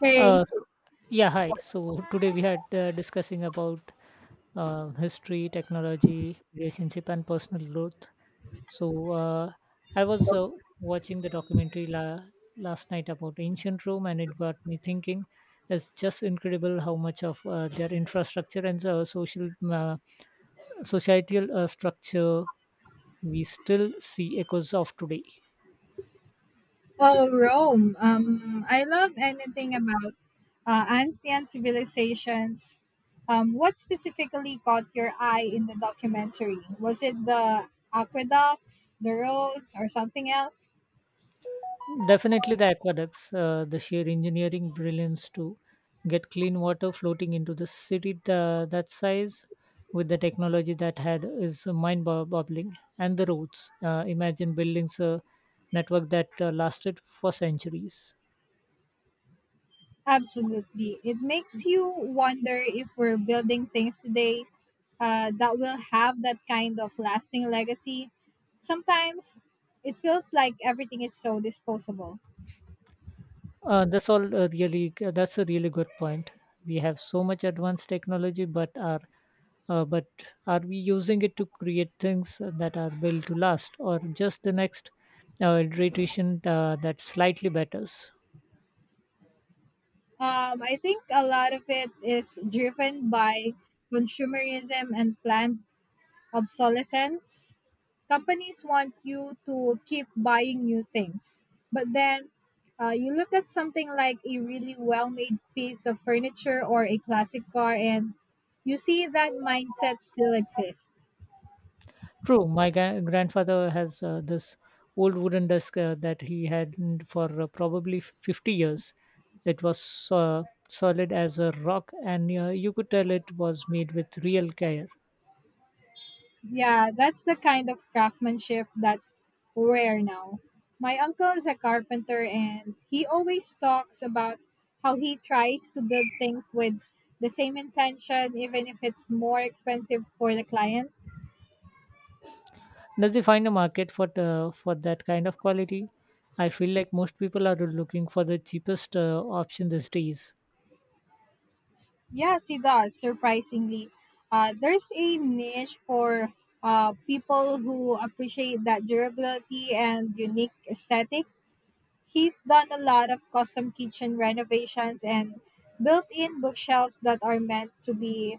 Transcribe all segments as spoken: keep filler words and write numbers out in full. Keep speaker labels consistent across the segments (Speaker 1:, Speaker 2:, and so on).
Speaker 1: Hey,
Speaker 2: Uh, so, yeah, hi. So today we had uh, discussing about uh, history, technology, relationship, and personal growth. So uh, I was uh, watching the documentary la- last night about ancient Rome, and it got me thinking. It's just incredible how much of uh, their infrastructure and uh, social uh, societal uh, structure we still see echoes of today.
Speaker 1: oh, Rome. Um, I love anything about uh, ancient civilizations. Um, what specifically caught your eye in the documentary? Was it the aqueducts, the roads, or something else?
Speaker 2: Definitely the aqueducts, uh, the sheer engineering brilliance to get clean water floating into the city tha- that size with the technology that had is mind bo- boggling. And the roads. Uh, imagine buildings a network that uh, lasted for centuries.
Speaker 1: Absolutely. It makes you wonder if we're building things today uh, that will have that kind of lasting legacy. Sometimes it feels like everything is so disposable.
Speaker 2: Uh, that's all uh, really that's a really good point. We have so much advanced technology, but are uh, but are we using it to create things that are built to last, or just the next uh, iteration uh, that slightly betters?
Speaker 1: Um, I think a lot of it is driven by consumerism and planned obsolescence. Companies want you to keep buying new things, but then uh, you look at something like a really well made piece of furniture or a classic car, and you see that mindset still exists.
Speaker 2: True, my gra- grandfather has uh, this old wooden desk uh, that he had n- for uh, probably f- fifty years. It was uh, solid as a rock, and uh, you could tell it was made with real care.
Speaker 1: Yeah, that's the kind of craftsmanship that's rare now. My uncle is a carpenter and he always talks about how he tries to build things with the same intention, even if it's more expensive for the client.
Speaker 2: Does he find a market for the, for that kind of quality? I feel like most people are looking for the cheapest uh, option these days.
Speaker 1: Yes, he does, surprisingly. Uh, there's a niche for uh, people who appreciate that durability and unique aesthetic. He's done a lot of custom kitchen renovations and built in bookshelves that are meant to be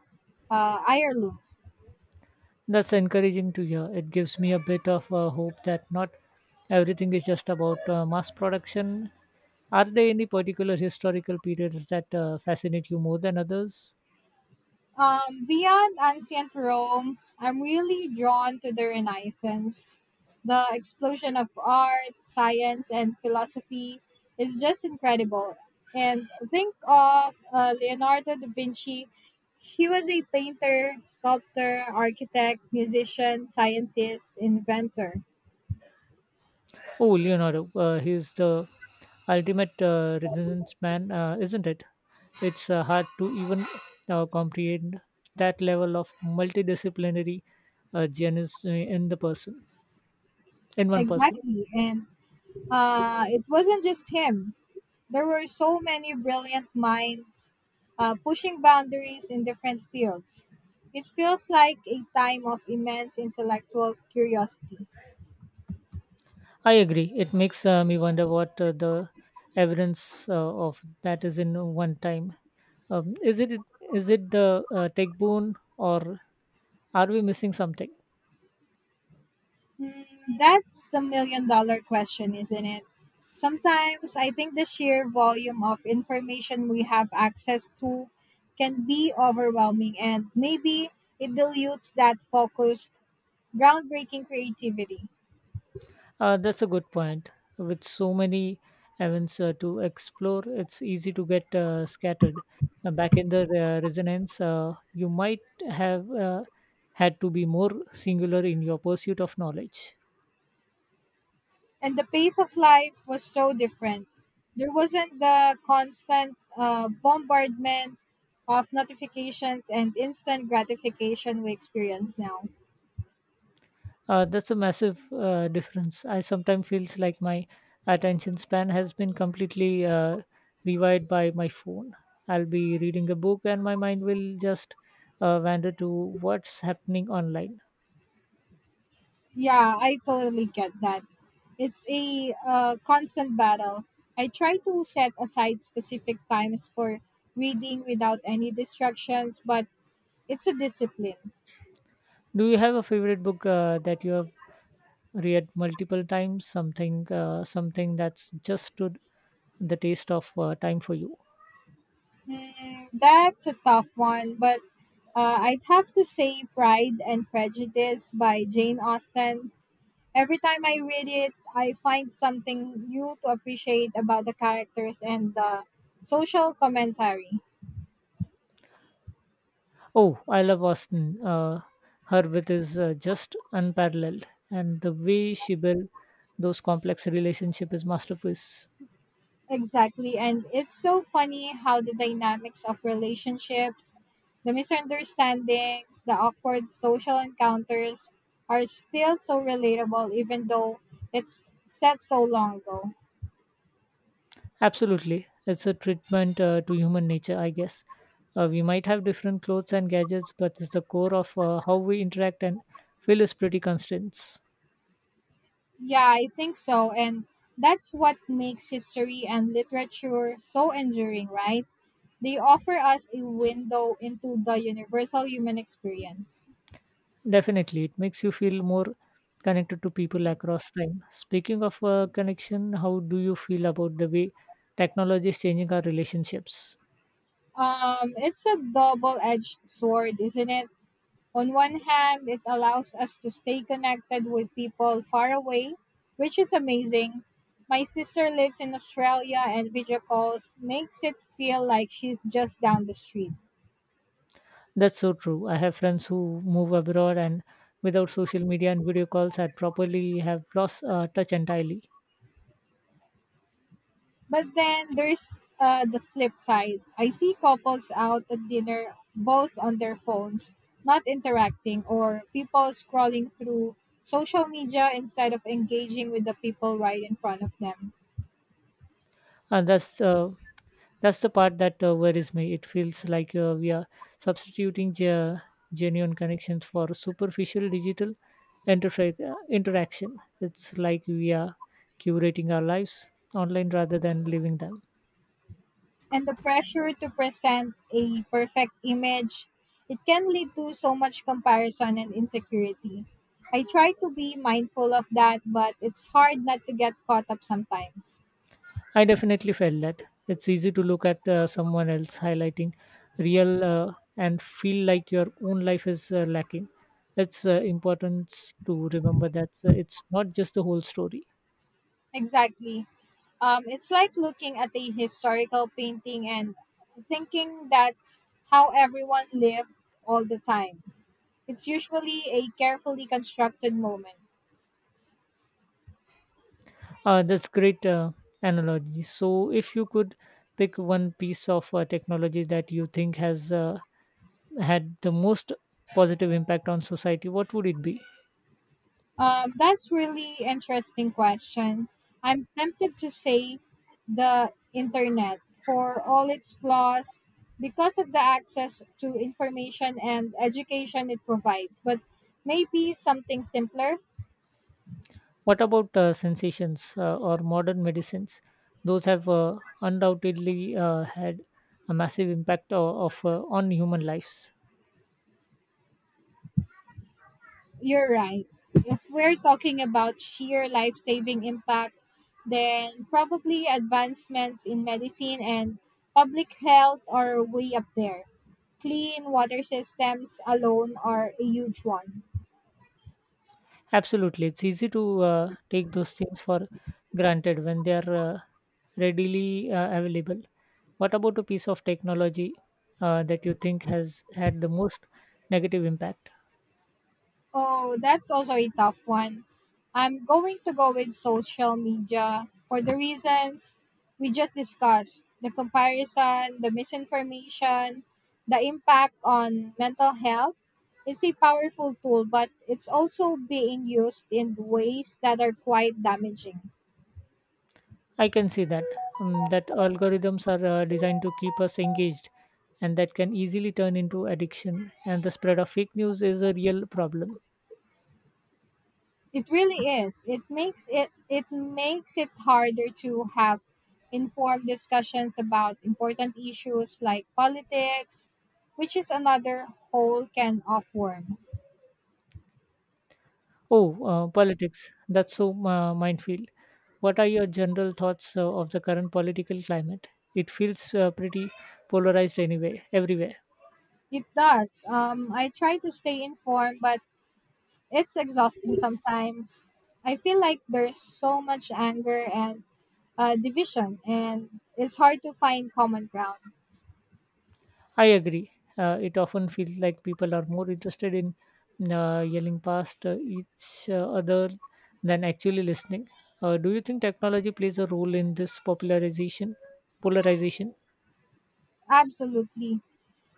Speaker 1: uh, heirlooms.
Speaker 2: That's encouraging to hear. It gives me a bit of uh, hope that not everything is just about uh, mass production. Are there any particular historical periods that uh, fascinate you more than others?
Speaker 1: Um, beyond ancient Rome, I'm really drawn to the Renaissance. The explosion of art, science, and philosophy is just incredible. And think of uh, Leonardo da Vinci. He was a painter, sculptor, architect, musician, scientist, inventor.
Speaker 2: Oh, Leonardo, uh, he's the ultimate uh, Renaissance man, uh, isn't it? It's uh, hard to even uh, comprehend that level of multidisciplinary uh, genius uh, in the person, in one person.
Speaker 1: Exactly. And Uh, it wasn't just him. There were so many brilliant minds uh, pushing boundaries in different fields. It feels like a time of immense intellectual curiosity.
Speaker 2: I agree. It makes uh, me wonder what uh, the evidence uh, of that is in one time. Um, is it is it the uh, tech boon, or are we missing something?
Speaker 1: Hmm, that's the million dollar question, isn't it? Sometimes I think the sheer volume of information we have access to can be overwhelming, and maybe it dilutes that focused, groundbreaking creativity.
Speaker 2: Uh, that's a good point. With so many events uh, to explore, it's easy to get uh, scattered. Uh, back in the uh, resonance, uh, you might have uh, had to be more singular in your pursuit of knowledge.
Speaker 1: And the pace of life was so different. There wasn't the constant uh, bombardment of notifications and instant gratification we experience now.
Speaker 2: Uh, that's a massive uh, difference. I sometimes feels like my attention span has been completely uh, rewired by my phone. I'll be reading a book and my mind will just uh, wander to what's happening online.
Speaker 1: Yeah, I totally get that. It's a uh, constant battle. I try to set aside specific times for reading without any distractions, but it's a discipline.
Speaker 2: Do you have a favorite book uh, that you have read multiple times, something uh, something that's just to the taste of uh, time for you?
Speaker 1: Mm, that's a tough one, but uh, I'd have to say Pride and Prejudice by Jane Austen. Every time I read it, I find something new to appreciate about the characters and the social commentary.
Speaker 2: Oh, I love Austin. uh, her wit is uh, just unparalleled, and the way she built those complex relationship is masterpiece.
Speaker 1: Exactly, and it's so funny how the dynamics of relationships, the misunderstandings, the awkward social encounters are still so relatable even though it's set so long ago.
Speaker 2: Absolutely, it's a treatment uh, to human nature, I guess. uh, we might have different clothes and gadgets, but it's the core of uh, how we interact and feel is pretty constant.
Speaker 1: Yeah, I think so. And that's what makes history and literature so enduring, right? They offer us a window into the universal human experience.
Speaker 2: Definitely, it makes you feel more connected to people across time. Speaking of uh, connection, how do you feel about the way technology is changing our relationships?
Speaker 1: Um, it's a double edged sword, isn't it? On one hand, it allows us to stay connected with people far away, which is amazing. My sister lives in Australia, and video calls makes it feel like she's just down the street.
Speaker 2: That's so true. I have friends who move abroad, and without social media and video calls, I'd probably have lost uh, touch entirely.
Speaker 1: But then there's uh, the flip side. I see couples out at dinner, both on their phones, not interacting, or people scrolling through social media instead of engaging with the people right in front of them.
Speaker 2: And that's uh, That's the part that uh, worries me. It feels like uh, we are substituting ge- genuine connections for superficial digital interfa- uh, interaction. It's like we are curating our lives online rather than living them.
Speaker 1: And the pressure to present a perfect image, it can lead to so much comparison and insecurity. I try to be mindful of that, but it's hard not to get caught up sometimes.
Speaker 2: I definitely felt that. It's easy to look at uh, someone else highlighting real, uh, and feel like your own life is uh, lacking. It's uh, important to remember that uh, it's not just the whole story.
Speaker 1: Exactly. Um, it's like looking at a historical painting and thinking that's how everyone lived all the time. It's usually a carefully constructed moment.
Speaker 2: Uh, that's great uh, analogy. So, if you could pick one piece of uh, technology that you think has uh, had the most positive impact on society, what would it be?
Speaker 1: Um, that's really interesting question. I'm tempted to say the internet for all its flaws because of the access to information and education it provides, but maybe something simpler.
Speaker 2: What about uh, sensations uh, or modern medicines? Those have uh, undoubtedly uh, had a massive impact o- of, uh, on human lives.
Speaker 1: You're right. If we're talking about sheer life saving impact, then probably advancements in medicine and public health are way up there. Clean water systems alone are a huge one.
Speaker 2: Absolutely, it's easy to uh, take those things for granted when they are uh, readily uh, available. What about a piece of technology uh, that you think has had the most negative impact?
Speaker 1: Oh, that's also a tough one. I'm going to go with social media for the reasons we just discussed: the comparison, the misinformation, the impact on mental health. It's a powerful tool, but it's also being used in ways that are quite damaging.
Speaker 2: I can see that, um, that algorithms are uh, designed to keep us engaged, and that can easily turn into addiction. And the spread of fake news is a real problem.
Speaker 1: It really is. It makes it it makes it harder to have informed discussions about important issues like politics, which is another whole can of worms.
Speaker 2: Oh, uh, politics. That's so uh, minefield. What are your general thoughts uh, of the current political climate? It feels uh, pretty polarized anyway, everywhere.
Speaker 1: It does. Um, I try to stay informed, but it's exhausting sometimes. I feel like there's so much anger and uh, division, and it's hard to find common ground.
Speaker 2: I agree. Uh, it often feels like people are more interested in uh, yelling past uh, each uh, other than actually listening. Uh, do you think technology plays a role in this popularization? Polarization?
Speaker 1: Absolutely.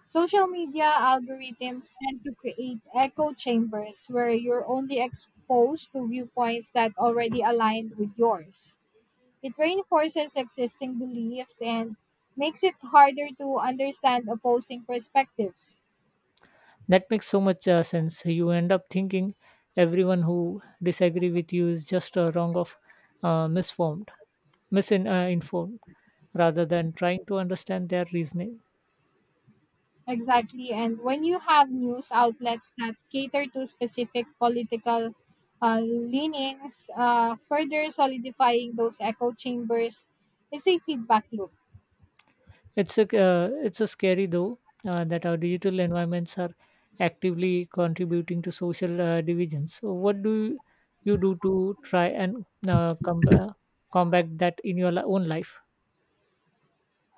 Speaker 1: Social media algorithms tend to create echo chambers where you're only exposed to viewpoints that already aligned with yours. It reinforces existing beliefs and makes it harder to understand opposing perspectives.
Speaker 2: That makes so much uh, sense. You end up thinking everyone who disagree with you is just uh, wrong of uh, misformed, misinformed, uh, informed, rather than trying to understand their reasoning.
Speaker 1: Exactly. And when you have news outlets that cater to specific political uh, leanings, uh, further solidifying those echo chambers is a feedback loop.
Speaker 2: It's a uh, it's a scary though uh, that our digital environments are actively contributing to social uh, divisions. So what do you do to try and uh, com- uh, combat that in your li- own life?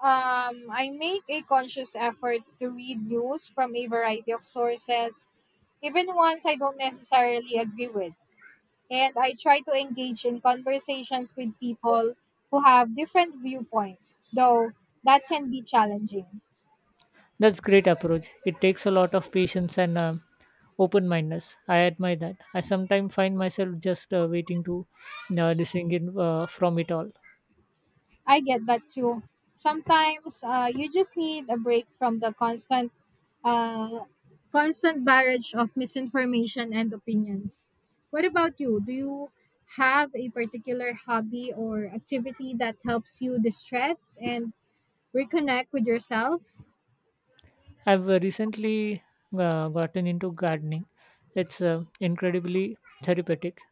Speaker 1: Um, I make a conscious effort to read news from a variety of sources, even ones I don't necessarily agree with. And I try to engage in conversations with people who have different viewpoints, though that can be challenging.
Speaker 2: That's great approach. It takes a lot of patience and, um, open-mindedness. I admire that. I sometimes find myself just uh, waiting to uh, listen in uh, from it all.
Speaker 1: I get that too. Sometimes uh, you just need a break from the constant, uh, constant barrage of misinformation and opinions. What about you? Do you have a particular hobby or activity that helps you distress and reconnect with yourself?
Speaker 2: I've uh, recently uh, gotten into gardening. It's uh, incredibly therapeutic.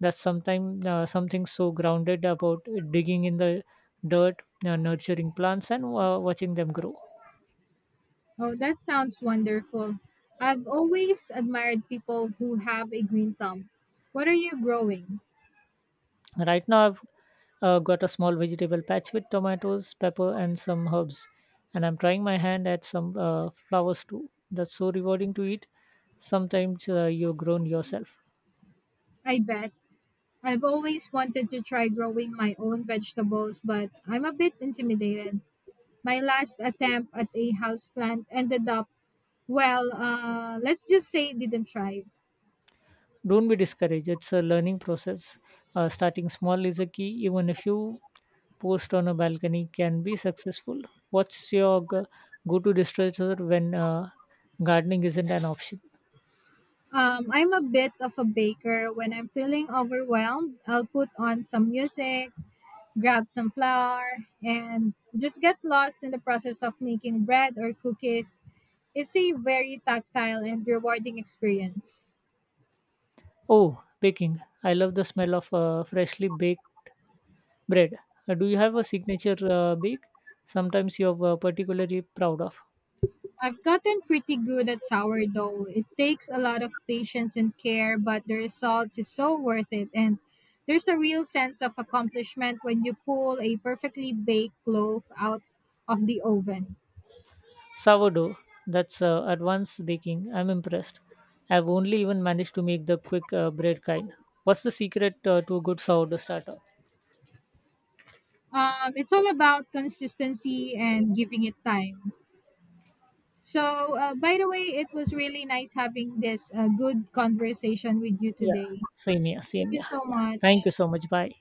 Speaker 2: That's sometimes uh, something so grounded about digging in the dirt, uh, nurturing plants, and uh, watching them grow.
Speaker 1: Oh, that sounds wonderful. I've always admired people who have a green thumb. What are you growing?
Speaker 2: Right now, I've uh, got a small vegetable patch with tomatoes, pepper, and some herbs, and I'm trying my hand at some uh, flowers too. That's so rewarding to eat. Sometimes uh, you've grown yourself.
Speaker 1: I bet. I've always wanted to try growing my own vegetables, but I'm a bit intimidated. My last attempt at a houseplant ended up, well, uh, let's just say it didn't thrive.
Speaker 2: Don't be discouraged. It's a learning process. Uh, starting small is a key. Even if you post on a balcony can be successful. What's your g- go-to distressor when uh, gardening isn't an option?
Speaker 1: Um, I'm a bit of a baker. When I'm feeling overwhelmed, I'll put on some music, grab some flour, and just get lost in the process of making bread or cookies. It's a very tactile and rewarding experience.
Speaker 2: Oh, baking. I love the smell of uh, freshly baked bread. Uh, Do you have a signature uh, bake sometimes you're uh, particularly proud of?
Speaker 1: I've gotten pretty good at sourdough. It takes a lot of patience and care, but the results is so worth it. And there's a real sense of accomplishment when you pull a perfectly baked loaf out of the oven.
Speaker 2: Sourdough. That's uh, advanced baking. I'm impressed. I've only even managed to make the quick uh, bread kind. What's the secret uh, to a good sourdough starter?
Speaker 1: Um, it's all about consistency and giving it time. So, uh, by the way, it was really nice having this uh, good conversation with you
Speaker 2: Yeah,
Speaker 1: today.
Speaker 2: same here,
Speaker 1: Thank
Speaker 2: same
Speaker 1: you
Speaker 2: here.
Speaker 1: so
Speaker 2: Yeah. Thank
Speaker 1: much.
Speaker 2: you so much. Bye.